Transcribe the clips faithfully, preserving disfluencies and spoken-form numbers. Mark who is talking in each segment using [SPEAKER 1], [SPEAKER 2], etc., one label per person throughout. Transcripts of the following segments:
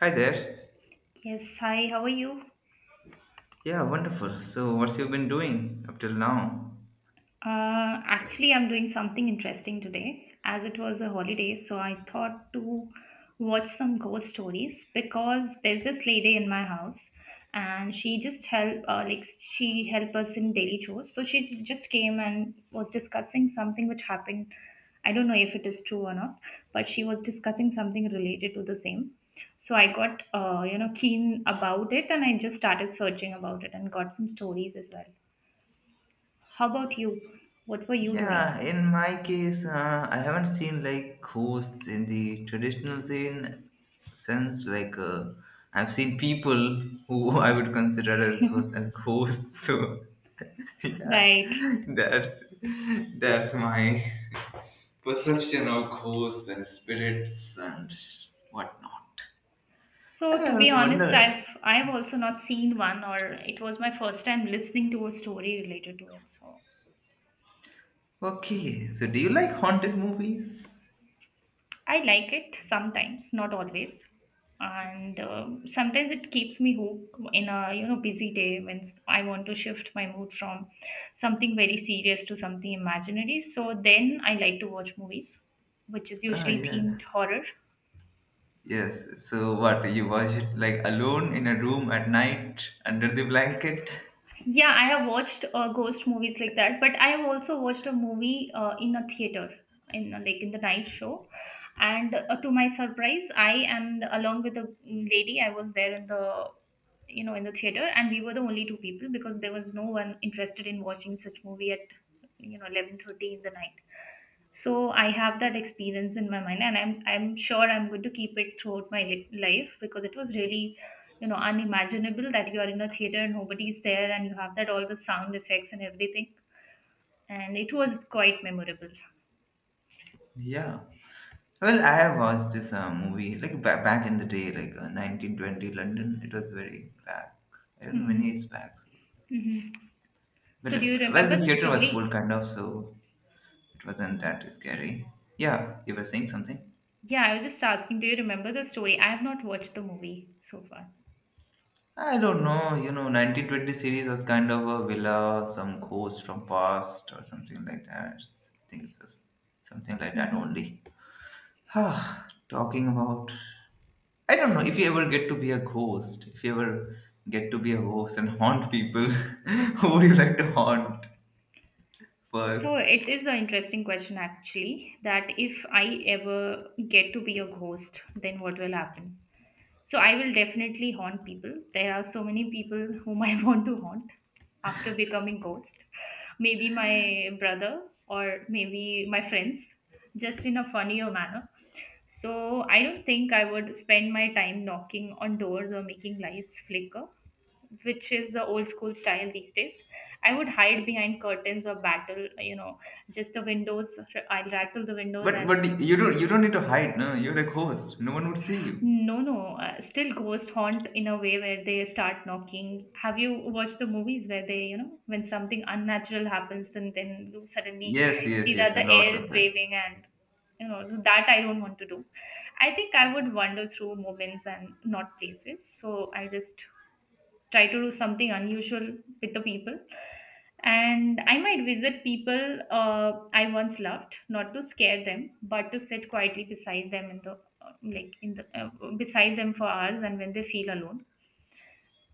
[SPEAKER 1] Hi there.
[SPEAKER 2] Yes, hi, how are you?
[SPEAKER 1] Yeah, wonderful. So, what's you been doing up till now?
[SPEAKER 2] Uh, actually, I'm doing something interesting today as it was a holiday, so I thought to watch some ghost stories because there's this lady in my house and she just help uh, like she help us in daily chores. So she just came and was discussing something which happened. I don't know if it is true or not, but she was discussing something related to the same. So I got uh, you know keen about it and I just started searching about it and got some stories as well. How about you? What were you
[SPEAKER 1] Yeah,
[SPEAKER 2] doing?
[SPEAKER 1] in my case, uh, I haven't seen like ghosts in the traditional scene sense. Like, uh, I've seen people who I would consider as ghosts, as ghosts. So, yeah,
[SPEAKER 2] Right.
[SPEAKER 1] that's that's my perception of ghosts and spirits and whatnot. And
[SPEAKER 2] So
[SPEAKER 1] I
[SPEAKER 2] to be
[SPEAKER 1] was
[SPEAKER 2] honest, I've
[SPEAKER 1] wondered.
[SPEAKER 2] I've also not seen one or it was my first time listening to a story related to it. So
[SPEAKER 1] Okay, so do you like haunted movies?
[SPEAKER 2] I like it sometimes, not always. And um, sometimes it keeps me hooked in a you know busy day when s- I want to shift my mood from something very serious to something imaginary. So then I like to watch movies, which is
[SPEAKER 1] Ah,
[SPEAKER 2] usually themed
[SPEAKER 1] yes.
[SPEAKER 2] horror.
[SPEAKER 1] Yes. So what? You watch it like alone in a room at night under the blanket?
[SPEAKER 2] Yeah, I have watched uh, ghost movies like that, but I have also watched a movie uh, in a theater in uh, like in the night show, and uh, to my surprise, I and along with a lady, I was there in the you know in the theater, and we were the only two people because there was no one interested in watching such movie at you know eleven thirty in the night. So I have that experience in my mind, and i'm i'm sure I'm going to keep it throughout my li- life because it was really, you know unimaginable, that you are in a theater and nobody's there and you have that all the sound effects and everything, and it was quite memorable.
[SPEAKER 1] Yeah. Well, I have watched this uh, movie like ba- back in the day, like uh, nineteen twenty London. It was very back. I don't know, many
[SPEAKER 2] Hmm.
[SPEAKER 1] years back.
[SPEAKER 2] Hmm.
[SPEAKER 1] But
[SPEAKER 2] So do you
[SPEAKER 1] uh, well,
[SPEAKER 2] remember
[SPEAKER 1] the
[SPEAKER 2] the
[SPEAKER 1] theater was full
[SPEAKER 2] story?
[SPEAKER 1] kind of, so it wasn't that scary. Yeah, you were saying something.
[SPEAKER 2] Yeah, I was just asking, do you remember the story? I have not watched the movie so far.
[SPEAKER 1] I don't know. You know, nineteen twenty series was kind of a villa, some ghost from past or something like that. I think it was something like that
[SPEAKER 2] Hmm.
[SPEAKER 1] only. Ah, talking about, I don't know if you ever get to be a ghost, if you ever get to be a ghost and haunt people, who would you like to haunt first?
[SPEAKER 2] So it is an interesting question, actually, that if I ever get to be a ghost, then what will happen? So I will definitely haunt people. There are so many people whom I want to haunt after becoming ghost. Maybe my brother or maybe my friends, just in a funnier manner. So I don't think I would spend my time knocking on doors or making lights flicker, which is the old school style these days. I would hide behind curtains or battle, you know, just the windows. I'll rattle the windows
[SPEAKER 1] But
[SPEAKER 2] and.
[SPEAKER 1] but you don't you don't need to hide, no. You're a ghost. No one would see you.
[SPEAKER 2] No, no, uh, still ghost haunt in a way where they start knocking. Have you watched the movies where they, you know, when something unnatural happens, then then you suddenly
[SPEAKER 1] Yes, yes,
[SPEAKER 2] see
[SPEAKER 1] yes.
[SPEAKER 2] that the
[SPEAKER 1] Lots
[SPEAKER 2] air is
[SPEAKER 1] of it.
[SPEAKER 2] waving, and you know, so that I don't want to do. I think I would wander through moments and not places. So I'll just try to do something unusual with the people, and I might visit people. uh, I once loved not to scare them but to sit quietly beside them in the uh, like in the uh, beside them for hours, and when they feel alone,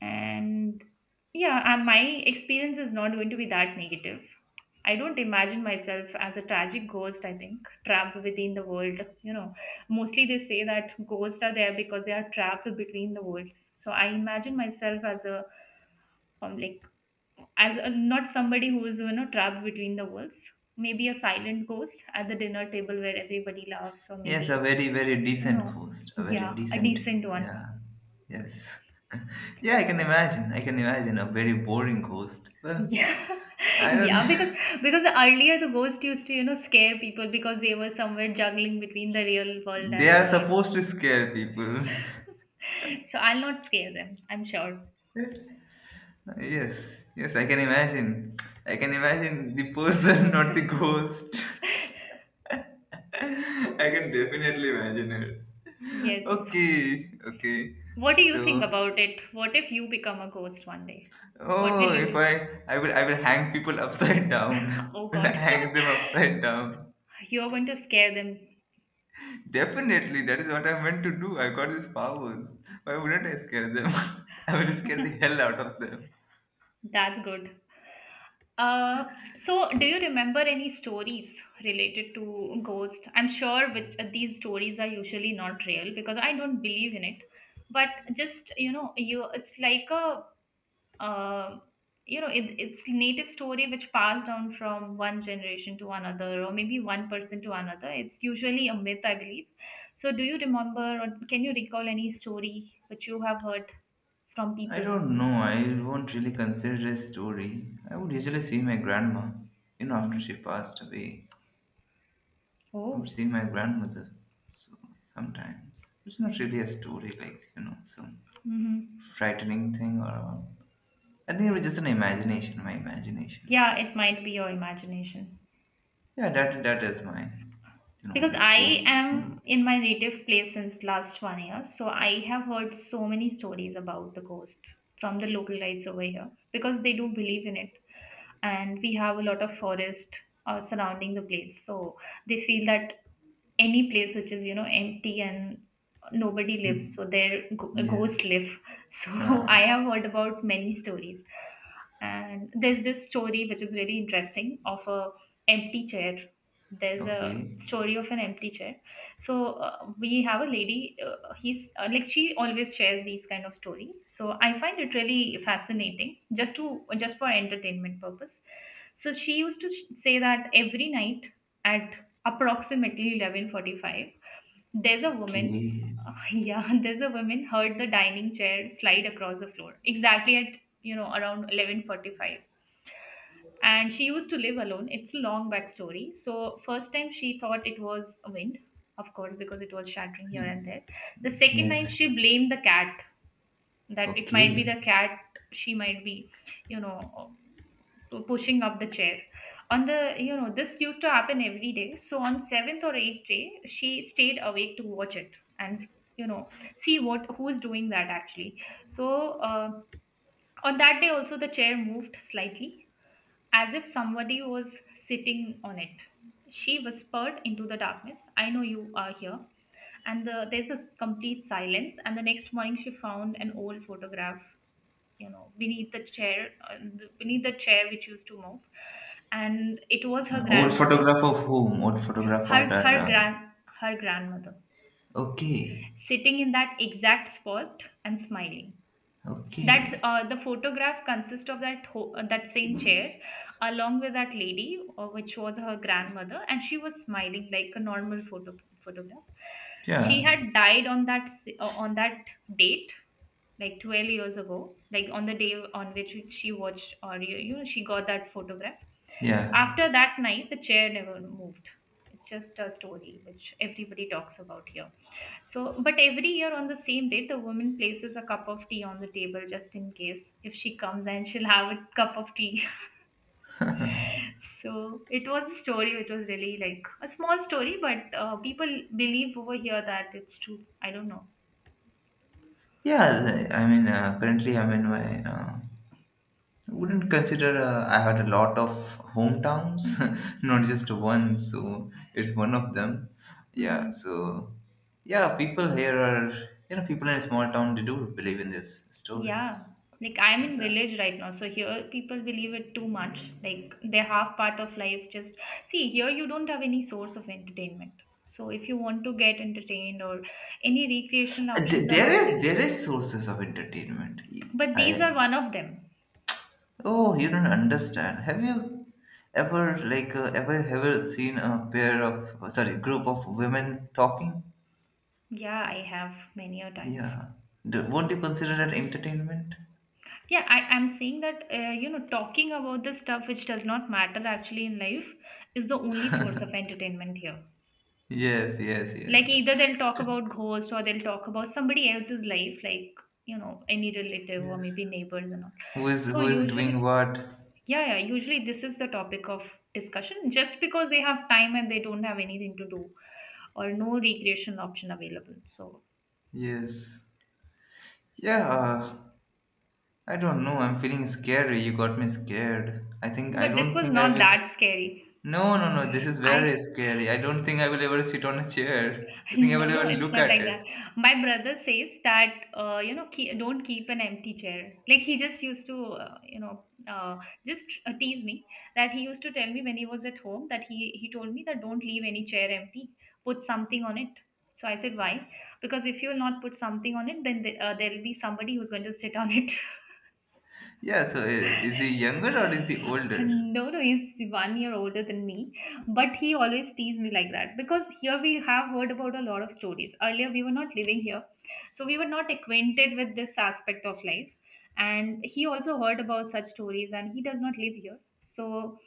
[SPEAKER 2] and yeah, uh, my experience is not going to be that negative. I don't imagine myself as a tragic ghost, I think, trapped within the world, you know. Mostly they say that ghosts are there because they are trapped between the worlds. So I imagine myself as a, um, like as a, not somebody who is, you know, trapped between the walls. Maybe a silent ghost at the dinner table where everybody laughs, or
[SPEAKER 1] Yes, a
[SPEAKER 2] maybe,
[SPEAKER 1] very very
[SPEAKER 2] you
[SPEAKER 1] decent
[SPEAKER 2] know.
[SPEAKER 1] ghost. A very
[SPEAKER 2] Yeah, a
[SPEAKER 1] decent,
[SPEAKER 2] decent one.
[SPEAKER 1] yeah. Yes. Yeah, I can imagine. I can imagine a very boring ghost. Well,
[SPEAKER 2] Yeah.
[SPEAKER 1] I don't.
[SPEAKER 2] Yeah, because because earlier the ghost used to, you know, scare people because they were somewhere juggling between the real world
[SPEAKER 1] They
[SPEAKER 2] and the,
[SPEAKER 1] are
[SPEAKER 2] I don't
[SPEAKER 1] supposed
[SPEAKER 2] know.
[SPEAKER 1] to scare people.
[SPEAKER 2] So I'll not scare them, I'm sure.
[SPEAKER 1] Yes, yes, I can imagine. I can imagine the person, not the ghost. I can definitely imagine it.
[SPEAKER 2] Yes.
[SPEAKER 1] Okay, okay.
[SPEAKER 2] What do you think
[SPEAKER 1] So,
[SPEAKER 2] about it? What if you become a ghost one day? What
[SPEAKER 1] oh,
[SPEAKER 2] will you
[SPEAKER 1] if
[SPEAKER 2] do?
[SPEAKER 1] I, I will, I will hang people upside down.
[SPEAKER 2] Oh
[SPEAKER 1] Will I
[SPEAKER 2] god.
[SPEAKER 1] hang them upside down?
[SPEAKER 2] You're going to scare them.
[SPEAKER 1] Definitely, that is what I meant to do. I got these powers. Why wouldn't I scare them? I will scare the hell out of them.
[SPEAKER 2] That's good. Uh, so, do you remember any stories related to ghost? I'm sure, which uh, these stories are usually not real because I don't believe in it. But just, you know, you it's like a, uh, you know, it, it's native story which passed down from one generation to another, or maybe one person to another. It's usually a myth, I believe. So, do you remember or can you recall any story which you have heard from
[SPEAKER 1] I
[SPEAKER 2] people?
[SPEAKER 1] don't know. I won't really consider a story. I would usually see my grandma. You know, after she
[SPEAKER 2] Mm-hmm.
[SPEAKER 1] passed away, I would
[SPEAKER 2] Oh.
[SPEAKER 1] see my grandmother. So sometimes it's not really a story, like you know, some
[SPEAKER 2] Mm-hmm.
[SPEAKER 1] frightening thing or. All. I think it was just an imagination. My imagination.
[SPEAKER 2] Yeah, it might be your imagination.
[SPEAKER 1] Yeah, that that is my, you know,
[SPEAKER 2] Because
[SPEAKER 1] like
[SPEAKER 2] I
[SPEAKER 1] ghost
[SPEAKER 2] am
[SPEAKER 1] thing.
[SPEAKER 2] in my native place since last one year, so I have heard so many stories about the ghost from the local lights over here because they do believe in it, and we have a lot of forest uh, surrounding the place, so they feel that any place which is, you know, empty, and nobody lives, so there go-
[SPEAKER 1] Yes.
[SPEAKER 2] ghosts live. So
[SPEAKER 1] Huh.
[SPEAKER 2] I have heard about many stories, and there's this story which is really interesting of a empty chair. There's a
[SPEAKER 1] Okay.
[SPEAKER 2] story of an empty chair. So uh, we have a lady, uh, he's uh, like she always shares these kind of story, so I find it really fascinating, just to just for entertainment purpose. So she used to sh- say that every night at approximately eleven forty-five there's a woman.
[SPEAKER 1] Okay.
[SPEAKER 2] Yeah, there's a woman heard the dining chair slide across the floor exactly at, you know, around eleven forty-five, and she used to live alone. It's a long backstory. So first time she thought it was a wind, of course, because it was shattering here and there. The second night
[SPEAKER 1] Yes.
[SPEAKER 2] she blamed the cat, that it might
[SPEAKER 1] Okay.
[SPEAKER 2] be the cat. She might be, you know, pu- pushing up the chair on the, you know this used to happen every day. So on seventh or eighth day she stayed awake to watch it, and, you know, see what who's doing that actually. So uh, on that day also the chair moved slightly as if somebody was sitting on it. She whispered into the darkness, I know you are here. And the, there's a s- complete silence, and the next morning she found an old photograph, you know, beneath the chair, uh, the- beneath the chair which used to move. And it was her
[SPEAKER 1] Uh, old
[SPEAKER 2] grandmother.
[SPEAKER 1] photograph of whom? Old photograph of
[SPEAKER 2] her
[SPEAKER 1] that.
[SPEAKER 2] her
[SPEAKER 1] Uh,
[SPEAKER 2] grand her grandmother
[SPEAKER 1] Okay,
[SPEAKER 2] sitting in that exact spot and smiling. That
[SPEAKER 1] okay,
[SPEAKER 2] uh, the photograph consists of that ho- uh, that same chair along with that lady, uh, which was her grandmother, and she was smiling like a normal photo photograph. She
[SPEAKER 1] yeah,
[SPEAKER 2] had died on that s- uh, on that date like twelve years ago, like on the day on which she watched or you you know, she got that photograph.
[SPEAKER 1] yeah,
[SPEAKER 2] After that night, the chair never moved. It's just a story which everybody talks about here. So, but every year on the same day, the woman places a cup of tea on the table just in case if she comes and she'll have a cup of tea. So it was a story which was really like a small story, but uh, people believe over here that it's true. I don't know.
[SPEAKER 1] yeah. the- I mean, uh, currently I'm in my. Uh, I wouldn't consider, uh, I had a lot of hometowns,
[SPEAKER 2] Mm-hmm.
[SPEAKER 1] not just one. So it's one of them. Yeah.
[SPEAKER 2] Mm-hmm.
[SPEAKER 1] So yeah, people here are, you know, people in a small town, they do believe in these
[SPEAKER 2] Yeah,
[SPEAKER 1] stories.
[SPEAKER 2] like I'm
[SPEAKER 1] And,
[SPEAKER 2] in village right now, so here people believe it too much. Like they're half part of life. Just see here, you don't have any source of entertainment. So if you want to get entertained, or any recreational
[SPEAKER 1] uh,
[SPEAKER 2] options
[SPEAKER 1] th-
[SPEAKER 2] are
[SPEAKER 1] there
[SPEAKER 2] not there.
[SPEAKER 1] is there is sources of entertainment.
[SPEAKER 2] But these
[SPEAKER 1] I
[SPEAKER 2] are one of them.
[SPEAKER 1] Oh, you don't understand. Have you ever, like, uh, ever ever seen a pair of, uh, sorry, group of women talking?
[SPEAKER 2] Yeah, I have many a times.
[SPEAKER 1] Yeah. Do, won't you consider that entertainment?
[SPEAKER 2] Yeah, I, I'm saying that uh, you know talking about the stuff which does not matter actually in life is the only source of entertainment here.
[SPEAKER 1] Yes, yes, yes.
[SPEAKER 2] Like either they'll talk
[SPEAKER 1] T-
[SPEAKER 2] about ghosts or they'll talk about somebody else's life, like, you know, any relative or
[SPEAKER 1] yes.
[SPEAKER 2] maybe neighbors and all.
[SPEAKER 1] Who is
[SPEAKER 2] So
[SPEAKER 1] who is doing
[SPEAKER 2] usually,
[SPEAKER 1] what?
[SPEAKER 2] yeah, yeah, usually this is the topic of discussion just because they have time and they don't have anything to do, or no recreation option available. So,
[SPEAKER 1] Yes. Yeah. uh, I don't know. I'm feeling scary. You got me scared. I think I
[SPEAKER 2] but this
[SPEAKER 1] don't
[SPEAKER 2] was
[SPEAKER 1] think I
[SPEAKER 2] not
[SPEAKER 1] will.
[SPEAKER 2] that scary.
[SPEAKER 1] No, no, no. This is
[SPEAKER 2] I.
[SPEAKER 1] very scary. I don't think I will ever sit on a chair. I think I
[SPEAKER 2] No,
[SPEAKER 1] will ever
[SPEAKER 2] no, it's
[SPEAKER 1] look
[SPEAKER 2] not
[SPEAKER 1] at
[SPEAKER 2] like that.
[SPEAKER 1] it.
[SPEAKER 2] My brother says that, uh, you know, keep, don't keep an empty chair. Like he just used to, uh, you know, uh, just uh, tease me, that he used to tell me when he was at home that he he told me that don't leave any chair empty. Put something on it. So I said why? Because if you will not put something on it, then the, uh, there will be somebody who's going to sit on it.
[SPEAKER 1] Yeah, so uh, is he younger or is he older?
[SPEAKER 2] No, no, he's one year older than me, but he always teased me like that because here we have heard about a lot of stories. Earlier, we were not living here, so we were not acquainted with this aspect of life. And he also heard about such stories, and he does not live here. So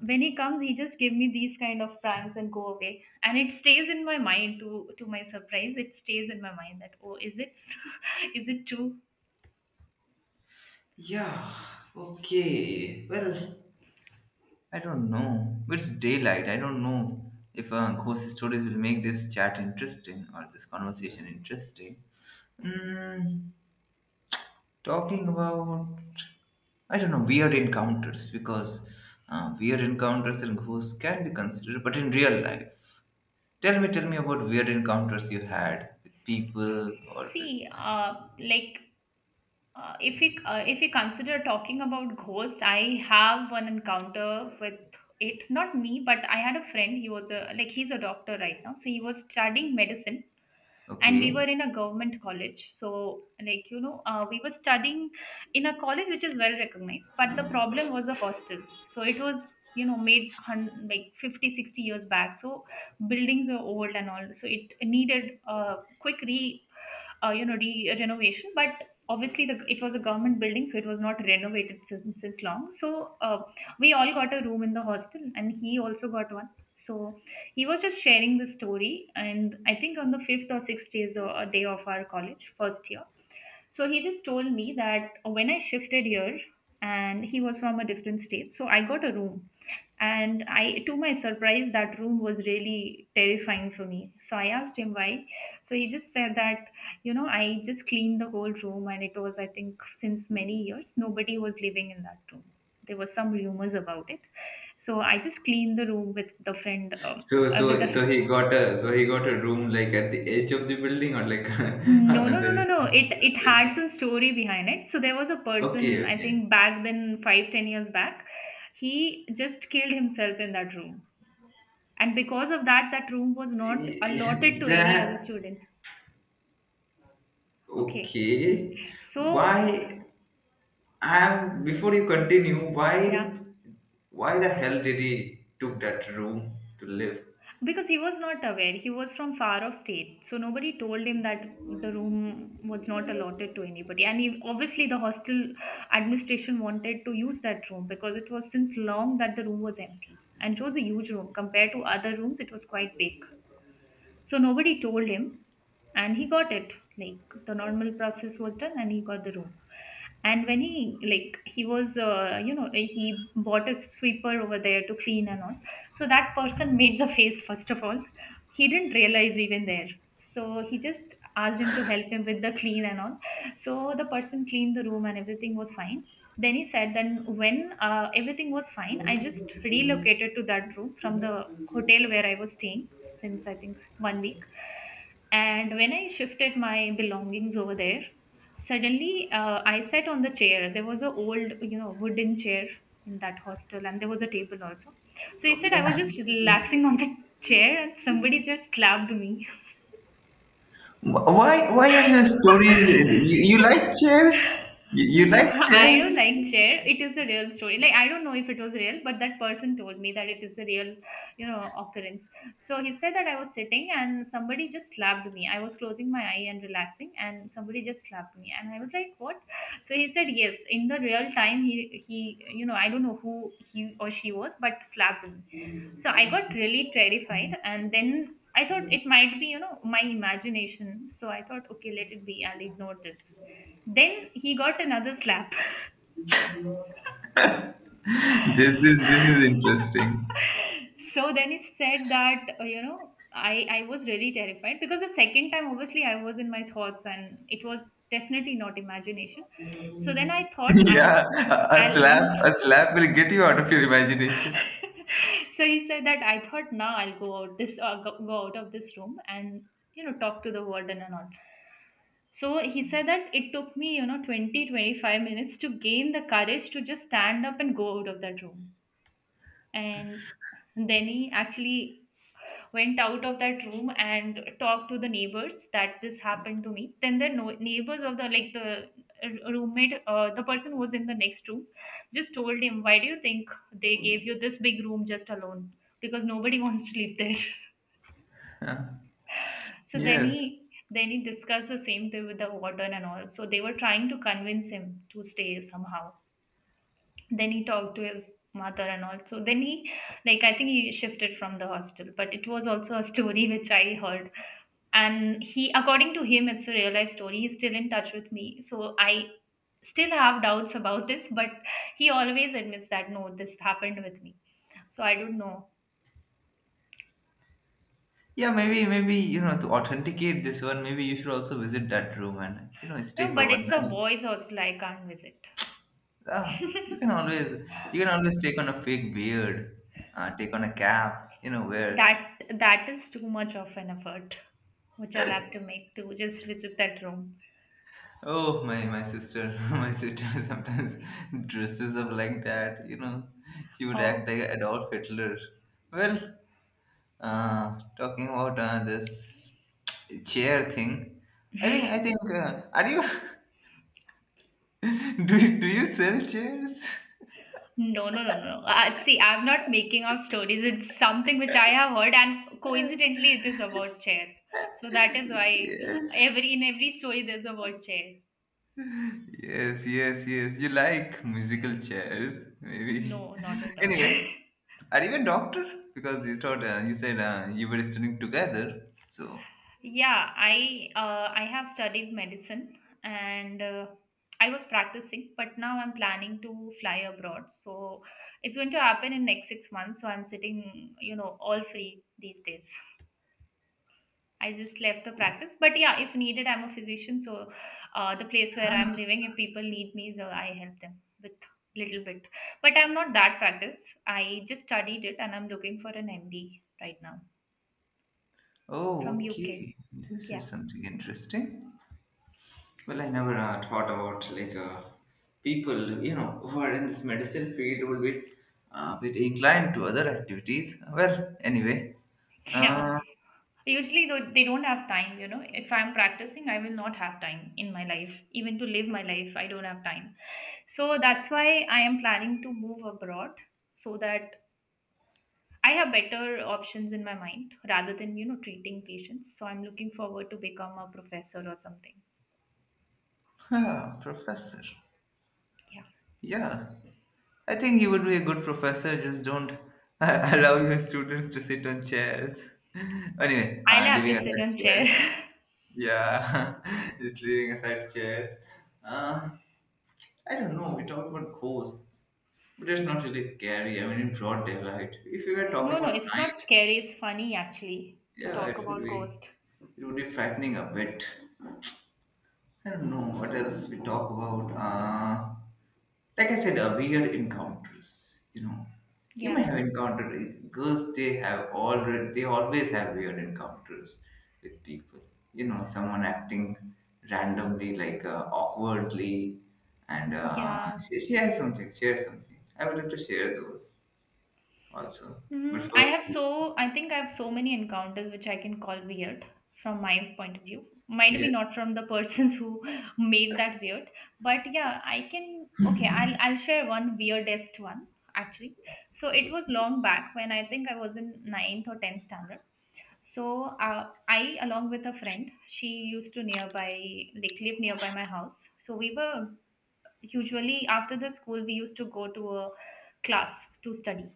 [SPEAKER 2] when he comes, he just give me these kind of pranks and go away, and it stays in my mind. To to my surprise, it stays in my mind that oh, is it, is it true?
[SPEAKER 1] Yeah, okay. Well, I don't know. But it's daylight. I don't know if uh, ghost stories will make this chat interesting or this conversation interesting. Mm, talking about, I don't know, weird encounters, because uh, weird encounters and ghosts can be considered, but in real life. Tell me, tell me about weird encounters you had with people or with.
[SPEAKER 2] See, uh, like Uh, if we uh, if we consider talking about ghosts, I have one encounter with it. Not me, but I had a friend. He was a like he's a doctor right now, so he was studying medicine, and we
[SPEAKER 1] Okay.
[SPEAKER 2] were in a government college. So like you know, uh, we were studying in a college which is well recognized. But the problem was the hostel. So it was you know made hun- like fifty sixty years back, so buildings are old and all, so it needed a quick re uh, you know re- uh, renovation. But obviously the, it was a government building, so it was not renovated since, since long. So uh, we all got a room in the hostel, and he also got one. So he was just sharing the story, and I think on the fifth or sixth days or a day of our college first year. So he just told me that when I shifted here, and he was from a different state, so I got a room. And I, to my surprise, that room was really terrifying for me, so I asked him why. So he just said that, you know, I just cleaned the whole room, and it was, I think, since many years nobody was living in that room. There were some rumors about it. So I just cleaned the room with the friend. Um,
[SPEAKER 1] So
[SPEAKER 2] uh, with
[SPEAKER 1] so
[SPEAKER 2] a
[SPEAKER 1] so he got a so he got a room like at the edge of the building, or like
[SPEAKER 2] no no no
[SPEAKER 1] another,
[SPEAKER 2] no no, it
[SPEAKER 1] you know,
[SPEAKER 2] it
[SPEAKER 1] like.
[SPEAKER 2] had some story behind it. So there was a
[SPEAKER 1] Okay,
[SPEAKER 2] person, I
[SPEAKER 1] okay.
[SPEAKER 2] think back then five ten years back, he just killed himself in that room, and because of that, that room was not allotted
[SPEAKER 1] Y-
[SPEAKER 2] to any
[SPEAKER 1] that.
[SPEAKER 2] other student. Okay.
[SPEAKER 1] Okay.
[SPEAKER 2] So f-
[SPEAKER 1] why I Before you continue, why
[SPEAKER 2] yeah,
[SPEAKER 1] why the hell did he took that room to live?
[SPEAKER 2] because he was not aware. He was from far off state, so nobody told him that the room was not allotted to anybody. And he, obviously, the hostel administration wanted to use that room because it was since long that the room was empty, and it was a huge room compared to other rooms. It was quite big. So nobody told him, and he got it. Like, the normal process was done, and he got the room. And when he like he was, uh, you know, he bought a sweeper over there to clean and all. So that person made the face first of all. He didn't realize even there. So he just asked him to help him with the clean and all. So the person cleaned the room and everything was fine. Then he said, then when, uh, everything was fine, I just relocated to that room from the hotel where I was staying since, I think, one week. And when I shifted my belongings over there, suddenly, uh, I sat on the chair. There was a old, you know, wooden chair in that hostel, and there was a table also. So he said I was just relaxing on the chair, and somebody just slapped me.
[SPEAKER 1] Wh- why why are your stories? You, you like chairs? You, you
[SPEAKER 2] No,
[SPEAKER 1] like
[SPEAKER 2] I
[SPEAKER 1] chairs?
[SPEAKER 2] don't like chair. It is a real story. Like, I don't know if it was real, but that person told me that it is a real, you know, occurrence. So he said that I was sitting and somebody just slapped me. I was closing my eye and relaxing, and somebody just slapped me, and I was like, "What?" So he said, "Yes, in the real time, he he, you know, I don't know who he or she was, but slapped me." So I got really terrified, and then I thought it might be, you know, my imagination. So I thought, okay, let it be. I'll ignore this. Then he got another slap.
[SPEAKER 1] this is this is interesting.
[SPEAKER 2] So then he said that, uh, you know, I, I was really terrified because the second time, obviously, I was in my thoughts, and it was definitely not imagination. So then I thought, I'll,
[SPEAKER 1] Yeah, a
[SPEAKER 2] I'll,
[SPEAKER 1] a slap, a slap will
[SPEAKER 2] I'll.
[SPEAKER 1] get you out of your imagination.
[SPEAKER 2] So he said that I thought, now I'll go out this uh, go, go out of this room and, you know, talk to the warden and all. So he said that it took me, you know, twenty twenty five minutes to gain the courage to just stand up and go out of that room. And then he actually went out of that room and talked to the neighbors that this happened to me. Then the no- neighbors of the, like the uh, roommate uh, the person who was in the next room just told him, why do you think they gave you this big room just alone? Because nobody wants to live there. So then
[SPEAKER 1] Yes.
[SPEAKER 2] he, then he discussed the same thing with the warden and all, so they were trying to convince him to stay somehow. Then he talked to his mother and all. So then he, like, I think he shifted from the hostel, but it was also a story which I heard. And he, according to him, it's a real life story. He's still in touch with me, so I still have doubts about this, but he always admits that, no, this happened with me. So I don't know.
[SPEAKER 1] Yeah, maybe, maybe, you know, to authenticate this one, maybe you should also visit that room and, you know, stay
[SPEAKER 2] No,
[SPEAKER 1] for
[SPEAKER 2] but
[SPEAKER 1] one
[SPEAKER 2] it's a
[SPEAKER 1] night.
[SPEAKER 2] boys hostel, I can't visit.
[SPEAKER 1] Ah, you can always, you can always take on a fake beard, uh, take on a cap, you know, wear.
[SPEAKER 2] That that is too much of an effort which I'll have to make to just visit that room.
[SPEAKER 1] Oh, my, my sister, my sister sometimes dresses up like that, you know, she would act
[SPEAKER 2] Oh.
[SPEAKER 1] like Adolf Hitler. Well, Uh, talking about uh, this chair thing, I think I think, uh, are you do you- do you sell chairs?
[SPEAKER 2] No, no, no, no. Uh, see, I'm not making up stories. It's something which I have heard, and coincidentally, it is about chair. So that is why
[SPEAKER 1] Yes,
[SPEAKER 2] every in every story there's a word chair.
[SPEAKER 1] yes, yes, yes. You like musical chairs, maybe.
[SPEAKER 2] No, not at all.
[SPEAKER 1] Anyway, are you a doctor? Because you thought uh, you said, uh, you were studying together. So,
[SPEAKER 2] Yeah, I, uh, I have studied medicine, and, uh, I was practicing, but now I'm planning to fly abroad. So it's going to happen in next six months. So I'm sitting, you know, all free these days. I just left the practice. But yeah, if needed, I'm a physician. So, uh, the place where I'm living, if people need me, so I help them with little bit. But I'm not that practice. I just studied it and I'm looking for an M D right now from
[SPEAKER 1] oh,
[SPEAKER 2] U K.
[SPEAKER 1] okay. This
[SPEAKER 2] Yeah.
[SPEAKER 1] is something interesting. Well, I never, uh, thought about, like, uh, people, you know, who are in this medicine field would be a bit inclined to other activities. Well, anyway,
[SPEAKER 2] Yeah.
[SPEAKER 1] uh,
[SPEAKER 2] Usually though they don't have time, you know. If I'm practicing, I will not have time in my life. Even to live my life, I don't have time. So that's why I am planning to move abroad so that I have better options in my mind rather than, you know, treating patients. So I'm looking forward to become a professor or something.
[SPEAKER 1] huh, professor.
[SPEAKER 2] Yeah,
[SPEAKER 1] Yeah, I think you would be a good professor. Just don't allow your students to sit on chairs. Anyway,
[SPEAKER 2] I'll
[SPEAKER 1] uh,
[SPEAKER 2] have to
[SPEAKER 1] leaving
[SPEAKER 2] sit on
[SPEAKER 1] aside
[SPEAKER 2] chair.
[SPEAKER 1] chairs. Yeah, just leaving aside chairs. Uh, I don't know. We talk about ghosts, but it's not really scary. I mean, in broad daylight. If we were
[SPEAKER 2] No,
[SPEAKER 1] talking
[SPEAKER 2] no,
[SPEAKER 1] about
[SPEAKER 2] it's
[SPEAKER 1] night,
[SPEAKER 2] not scary. It's funny actually to
[SPEAKER 1] yeah,
[SPEAKER 2] talk
[SPEAKER 1] it would
[SPEAKER 2] about
[SPEAKER 1] be.
[SPEAKER 2] ghost.
[SPEAKER 1] It would be frightening a bit. I don't know what else we talk about. Uh, like I said, uh, weird encounters. You know, you may
[SPEAKER 2] Yeah,
[SPEAKER 1] have encountered, uh, girls. They have already. They always have weird encounters with people. You know, someone acting randomly, like, uh, awkwardly, and uh,
[SPEAKER 2] yeah.
[SPEAKER 1] she, she has something. She has something. I would like to share those also. But
[SPEAKER 2] Mm, I
[SPEAKER 1] first,
[SPEAKER 2] have so I think I have so many encounters which I can call weird from my point of view. Might be
[SPEAKER 1] yes,
[SPEAKER 2] not from the persons who made that weird, but yeah, I can. Okay, I'll I'll share one weirdest one actually. So it was long back when I think I was in ninth or tenth standard. So, uh, I, along with a friend, she used to nearby, like, live nearby my house. So we were usually after the school we used to go to a class to study.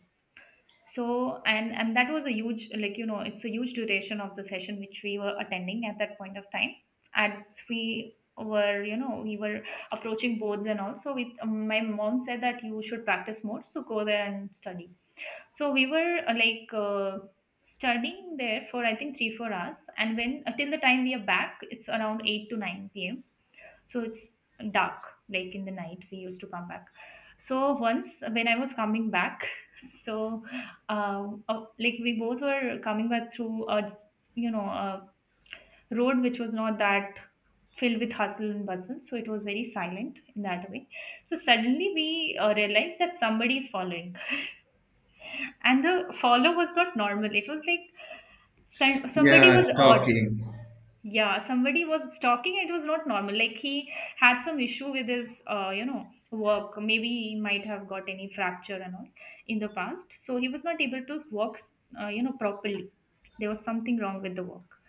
[SPEAKER 2] So and and that was a huge, like, you know, it's a huge duration of the session which we were attending at that point of time, as we were, you know, we were approaching boards and all. So with my mom said that you should practice more, so go there and study. So we were, uh, like uh, studying there for, I think, three four hours, and when, until the time we are back, it's around eight to nine p.m. So it's dark, like, in the night we used to come back. So once when I was coming back, so um, uh, like, we both were coming back through a, you know, a road which was not that filled with hustle and bustle, so it was very silent in that way. So suddenly we, uh, realized that somebody is following, and the follow was not normal. It was like, some- somebody
[SPEAKER 1] yeah,
[SPEAKER 2] was odd.
[SPEAKER 1] stalking.
[SPEAKER 2] Yeah, somebody was stalking. It was not normal. Like, he had some issue with his, uh, you know, work. Maybe he might have got any fracture and all in the past. So he was not able to work, uh, you know, properly. There was something wrong with the work.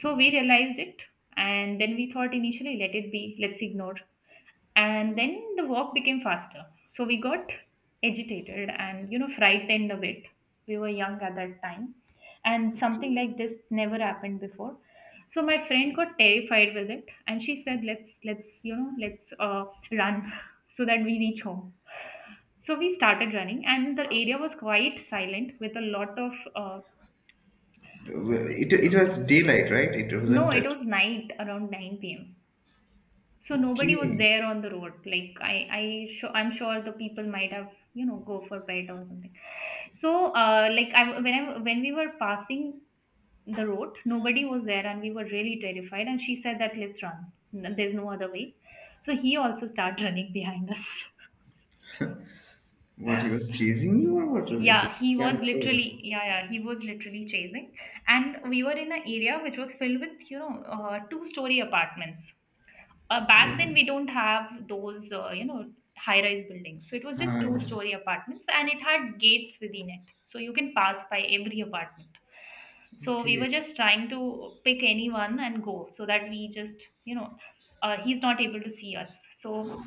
[SPEAKER 2] So we
[SPEAKER 1] Okay,
[SPEAKER 2] realized it, and then we thought initially, let it be. Let's ignore, and then the walk became faster, so we got agitated and, you know, frightened a bit. We were young at that time, and something
[SPEAKER 1] okay.
[SPEAKER 2] like this never happened before. So my friend got terrified with it, and she said, let's let's you know let's uh, run so that we reach home. So we started running, and the area was quite silent, with a lot of— uh,
[SPEAKER 1] Well, It it was daylight, right? It
[SPEAKER 2] no,
[SPEAKER 1] wasn't
[SPEAKER 2] it
[SPEAKER 1] it.
[SPEAKER 2] was night around nine p m p.m. So nobody was
[SPEAKER 1] Okay,
[SPEAKER 2] there on the road. Like, I, I, sure I'm sure the people might have, you know, go for bed or something. So, uh, like I, when I, when we were passing the road, nobody was there, and we were really terrified. And she said that let's run. N- There's no other way. So he also started running behind us.
[SPEAKER 1] what, he was chasing you, or what? It
[SPEAKER 2] Yeah,
[SPEAKER 1] is
[SPEAKER 2] he
[SPEAKER 1] kind
[SPEAKER 2] was
[SPEAKER 1] of.
[SPEAKER 2] literally, yeah, yeah, he was literally chasing. And we were in an area which was filled with, you know, uh, two-story apartments. Uh, back
[SPEAKER 1] Yeah.
[SPEAKER 2] then
[SPEAKER 1] Okay.
[SPEAKER 2] we don't have those uh, you know high rise buildings, so it was just
[SPEAKER 1] Hi.
[SPEAKER 2] two story apartments, and it had gates within it, so you can pass by every apartment. So we were
[SPEAKER 1] Okay.
[SPEAKER 2] just trying to pick anyone and go, so that we just, you know uh, he's not able to see us. So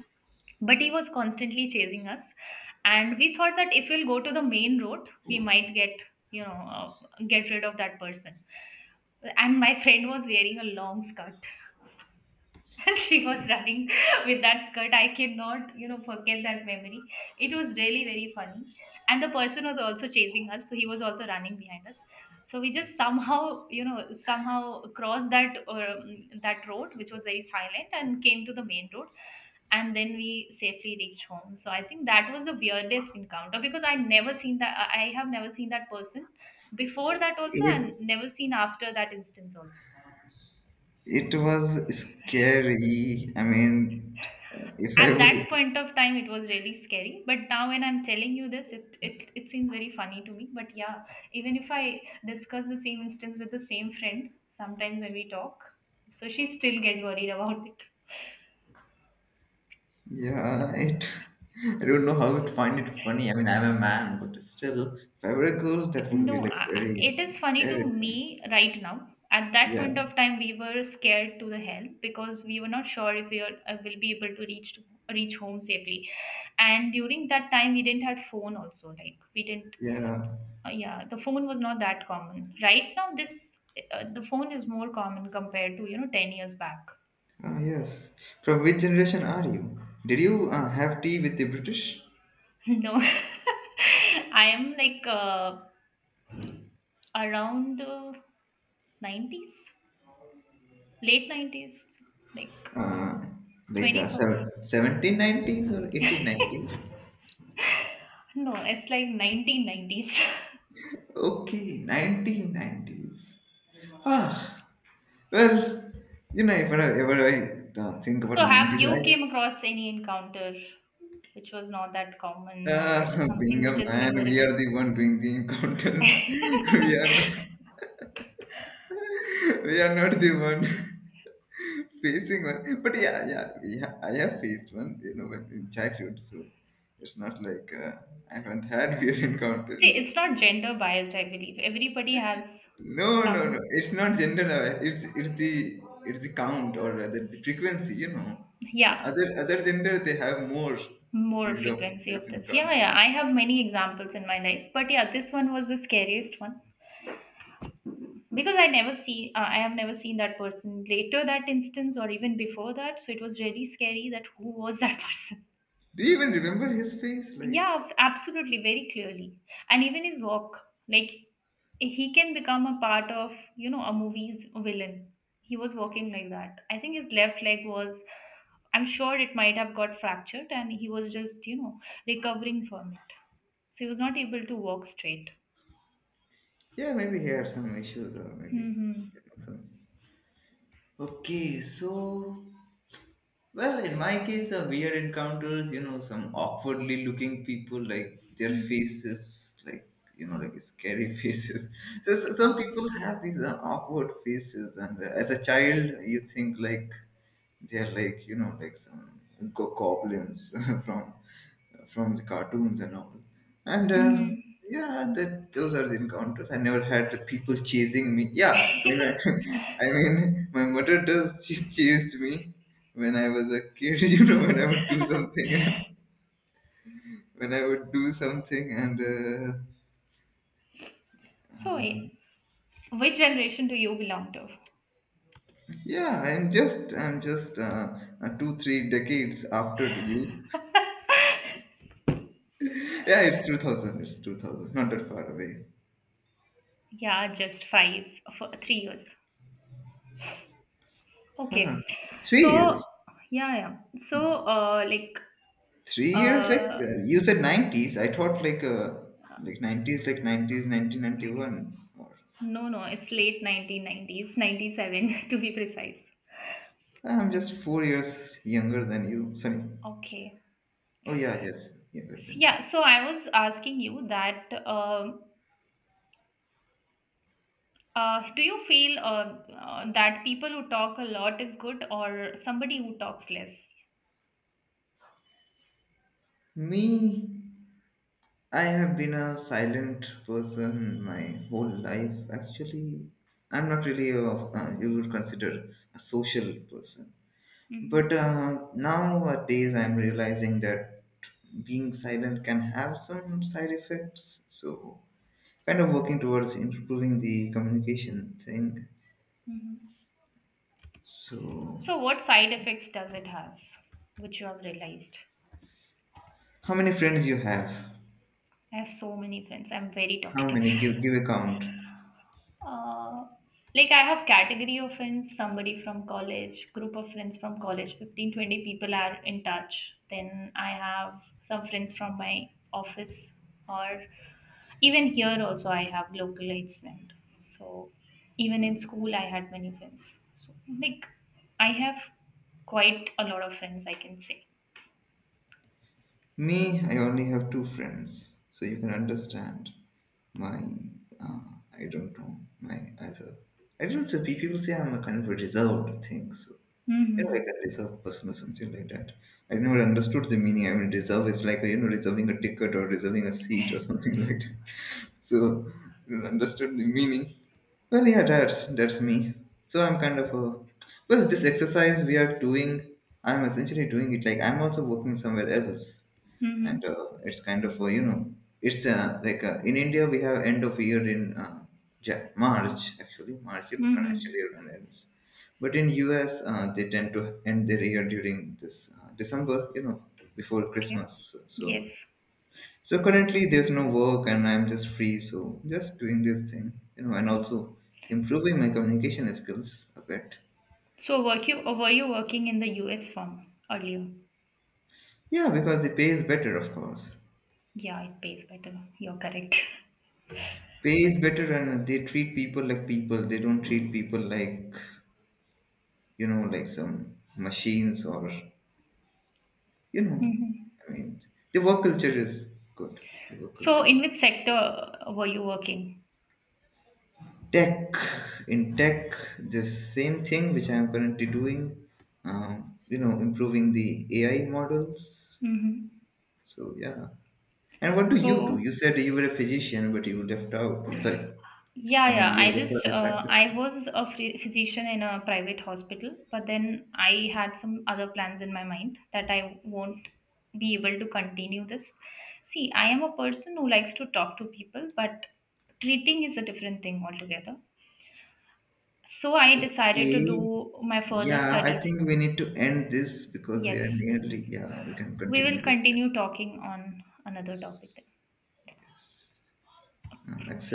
[SPEAKER 2] but he was constantly chasing us, and we thought that if we'll go to the main road, we might get you know uh, get rid of that person. And my friend was wearing a long skirt and she was running with that skirt. I cannot, you know, forget that memory. It was really very funny. And the person was also chasing us, so he was also running behind us. So we just somehow, you know, somehow crossed that um, that road, which was very silent, and came to the main road. And then we safely reached home. So I think that was the weirdest encounter, because I never seen that. I I have never seen that person before that also, and
[SPEAKER 1] It
[SPEAKER 2] never seen after that instance also.
[SPEAKER 1] it was scary. I mean, if I
[SPEAKER 2] At
[SPEAKER 1] would,
[SPEAKER 2] that point of time it was really scary, but now when I'm telling you this, it, it it seems very funny to me. But yeah, even if I discuss the same instance with the same friend, sometimes when we talk, so she still get worried about it.
[SPEAKER 1] yeah, it. I don't know how to find it funny. I mean, I'm a man, but still, if I were a girl, that would be
[SPEAKER 2] No,
[SPEAKER 1] like
[SPEAKER 2] I, I-
[SPEAKER 1] very
[SPEAKER 2] it is funny to
[SPEAKER 1] scary thing.
[SPEAKER 2] me right now. At that
[SPEAKER 1] Yeah.
[SPEAKER 2] point of time we were scared to the hell, because we were not sure if we are, uh, will be able to reach to reach home safely. And during that time we didn't have phone also, like we didn't—
[SPEAKER 1] Yeah.
[SPEAKER 2] Uh, yeah, the phone was not that common. Right now, this uh, the phone is more common compared to, you know ten years back.
[SPEAKER 1] Ah, yes. From which generation are you? Did you, uh, have tea with the British?
[SPEAKER 2] No, I am like, uh, around, uh, nineties, late nineties, like
[SPEAKER 1] Uh, like, uh,
[SPEAKER 2] twenty four.
[SPEAKER 1] seven- seventeen nineties or eighteen nineties?
[SPEAKER 2] No, it's like nineteen nineties.
[SPEAKER 1] Okay, nineteen nineties. Ah, well, you know, if I ever, I uh, think about
[SPEAKER 2] So, have
[SPEAKER 1] nineties,
[SPEAKER 2] you came across any encounter which was not that
[SPEAKER 1] I,
[SPEAKER 2] common, or
[SPEAKER 1] uh,
[SPEAKER 2] something
[SPEAKER 1] being
[SPEAKER 2] which
[SPEAKER 1] a
[SPEAKER 2] is
[SPEAKER 1] man, we are
[SPEAKER 2] memorable?
[SPEAKER 1] the one doing the encounters. we are we are not the one facing one. But yeah, yeah, we ha- I have faced one, you know, when in childhood. So it's not like, uh, I haven't had weird encounters.
[SPEAKER 2] See, it's not gender biased, I believe. Everybody has
[SPEAKER 1] No, no, no.
[SPEAKER 2] some,
[SPEAKER 1] It's not gender aware. It's it's the it's the count, or rather the frequency. You know, uh,
[SPEAKER 2] yeah,
[SPEAKER 1] other other gender, they have more
[SPEAKER 2] more
[SPEAKER 1] these of
[SPEAKER 2] frequency of
[SPEAKER 1] these
[SPEAKER 2] this. Yeah, yeah,
[SPEAKER 1] encounters.
[SPEAKER 2] I have many examples in my life, but yeah, this one was the scariest one, because I never see, uh, I have never seen that person later that instance or even before that. So it was really scary that who was that person.
[SPEAKER 1] Do you even remember his face? Like,
[SPEAKER 2] Yeah, f- absolutely, very clearly. And even his walk, like, he can become a part of, you know, a movie's villain. He was walking like that. I think his left leg was, I'm sure it might have got fractured, and he was just, you know, recovering from it. So he was not able to walk straight.
[SPEAKER 1] yeah, maybe he had some issues, or maybe,
[SPEAKER 2] Mm-hmm.
[SPEAKER 1] you know, some. Okay, so. Well, in my case, the weird encounters, you know, some awkwardly looking people, like their
[SPEAKER 2] Mm-hmm.
[SPEAKER 1] faces, like, you know, like scary faces. So, so some
[SPEAKER 2] Yeah.
[SPEAKER 1] people have these, uh, awkward faces, and, uh, as a child, you think like they're like, you know, like some go- goblins from from the cartoons and all. And, uh,
[SPEAKER 2] Mm-hmm.
[SPEAKER 1] yeah, that those are the encounters. I never had the people chasing me. Yeah, I mean, I, I mean, my mother does, she chased me when I was a kid. You know, when I would do something, when I would do something, and uh,
[SPEAKER 2] So, eh, which generation do you belong to?
[SPEAKER 1] yeah, I'm just, I'm just uh, uh, two, three decades after you. Yeah, it's two thousand. It's two thousand. Not that far away.
[SPEAKER 2] Yeah, just five— for three years.
[SPEAKER 1] Huh.
[SPEAKER 2] Okay.
[SPEAKER 1] Three
[SPEAKER 2] So,
[SPEAKER 1] years.
[SPEAKER 2] yeah, yeah. So, uh, like,
[SPEAKER 1] Three years, like,
[SPEAKER 2] uh,
[SPEAKER 1] uh, you said, nineties. I thought, like, uh, like nineties, like nineties, nineteen ninety one. Or
[SPEAKER 2] no, no, it's late nineteen nineties, ninety seven to be precise.
[SPEAKER 1] I'm just four years younger than you. Sorry.
[SPEAKER 2] Okay.
[SPEAKER 1] Oh yeah, yes, younger
[SPEAKER 2] S-
[SPEAKER 1] than
[SPEAKER 2] Yeah, so I was asking you that, um uh, do you feel, uh, uh, that people who talk a lot is good, or somebody who talks less?
[SPEAKER 1] you. Me. I have been a silent person my whole life. Actually, I'm not really a uh, you would consider a social person. But,
[SPEAKER 2] Hmm.
[SPEAKER 1] uh, nowadays, I'm realizing that being silent can have some side effects. So kind of working towards improving the communication thing.
[SPEAKER 2] Hmm.
[SPEAKER 1] So,
[SPEAKER 2] So, what side effects does it has, which you have realized?
[SPEAKER 1] how many friends you have?
[SPEAKER 2] I have so many friends. I'm very
[SPEAKER 1] How
[SPEAKER 2] talkative.
[SPEAKER 1] many? Give give a count.
[SPEAKER 2] Uh, like, I have category of friends, somebody from college, group of friends from college, fifteen twenty people are in touch. Then I have some friends from my office, or even here also I have localized friend. So even in school I had many friends. So, like, I have quite a lot of friends, I can say.
[SPEAKER 1] Me, I only have two friends, so you can understand my. Uh, I don't know my as a. I don't say, pe- people say I'm a kind of a reserved thing. So, you know, like
[SPEAKER 2] Mm-hmm.
[SPEAKER 1] a reserved person or something like that. I never understood the meaning. I mean, reserve is like, you know, reserving a ticket or reserving a seat or something like that. So you understood the meaning. Well, yeah, that's that's me. So I'm kind of a, well, this exercise we are doing, I'm essentially doing it like I'm also working somewhere else. And,
[SPEAKER 2] Mm-hmm.
[SPEAKER 1] uh, it's kind of a, you know, it's, uh, like, uh, in India we have end of year in, uh, Ja- march actually march, you know, financial
[SPEAKER 2] Mm-hmm.
[SPEAKER 1] year and ends. But in US, uh, they tend to end their year during this, uh, December, you know, before
[SPEAKER 2] Okay.
[SPEAKER 1] Christmas. so, so
[SPEAKER 2] Yes.
[SPEAKER 1] so currently there's no work and I'm just free, so just doing this thing, you know, and also improving my communication skills a bit.
[SPEAKER 2] So, were you were you working in the U S firm earlier?
[SPEAKER 1] Yeah, because the pay is better, of course.
[SPEAKER 2] Yeah, it pays better. You're correct.
[SPEAKER 1] Pay is better, and they treat people like people. They don't treat people like, you know, like some machines or, you know,
[SPEAKER 2] Mhm.
[SPEAKER 1] I mean, the work culture is good. The work
[SPEAKER 2] So,
[SPEAKER 1] culture
[SPEAKER 2] in
[SPEAKER 1] is
[SPEAKER 2] which sector uh, were you working?
[SPEAKER 1] tech. In tech, this same thing which I am currently doing, um, you know, improving the A I models.
[SPEAKER 2] Hmm.
[SPEAKER 1] So yeah. And what do you do?
[SPEAKER 2] So,
[SPEAKER 1] You said you were a physician, but you left out. Sorry,
[SPEAKER 2] yeah,
[SPEAKER 1] I mean
[SPEAKER 2] yeah.
[SPEAKER 1] you
[SPEAKER 2] I
[SPEAKER 1] left out
[SPEAKER 2] just
[SPEAKER 1] the
[SPEAKER 2] uh, I
[SPEAKER 1] practicing.
[SPEAKER 2] was a free physician in a private hospital, but then I had some other plans in my mind that I won't be able to continue this. See, I am a person who likes to talk to people, but treating is a different thing altogether. So, I decided to
[SPEAKER 1] Okay.
[SPEAKER 2] do my further
[SPEAKER 1] Yeah, I
[SPEAKER 2] studies.
[SPEAKER 1] think we need to end this because we are
[SPEAKER 2] Yes, yes.
[SPEAKER 1] nearly. Yeah, we can
[SPEAKER 2] We
[SPEAKER 1] continue
[SPEAKER 2] will
[SPEAKER 1] later.
[SPEAKER 2] continue talking on another topic
[SPEAKER 1] Yes.
[SPEAKER 2] then.
[SPEAKER 1] Um, accept.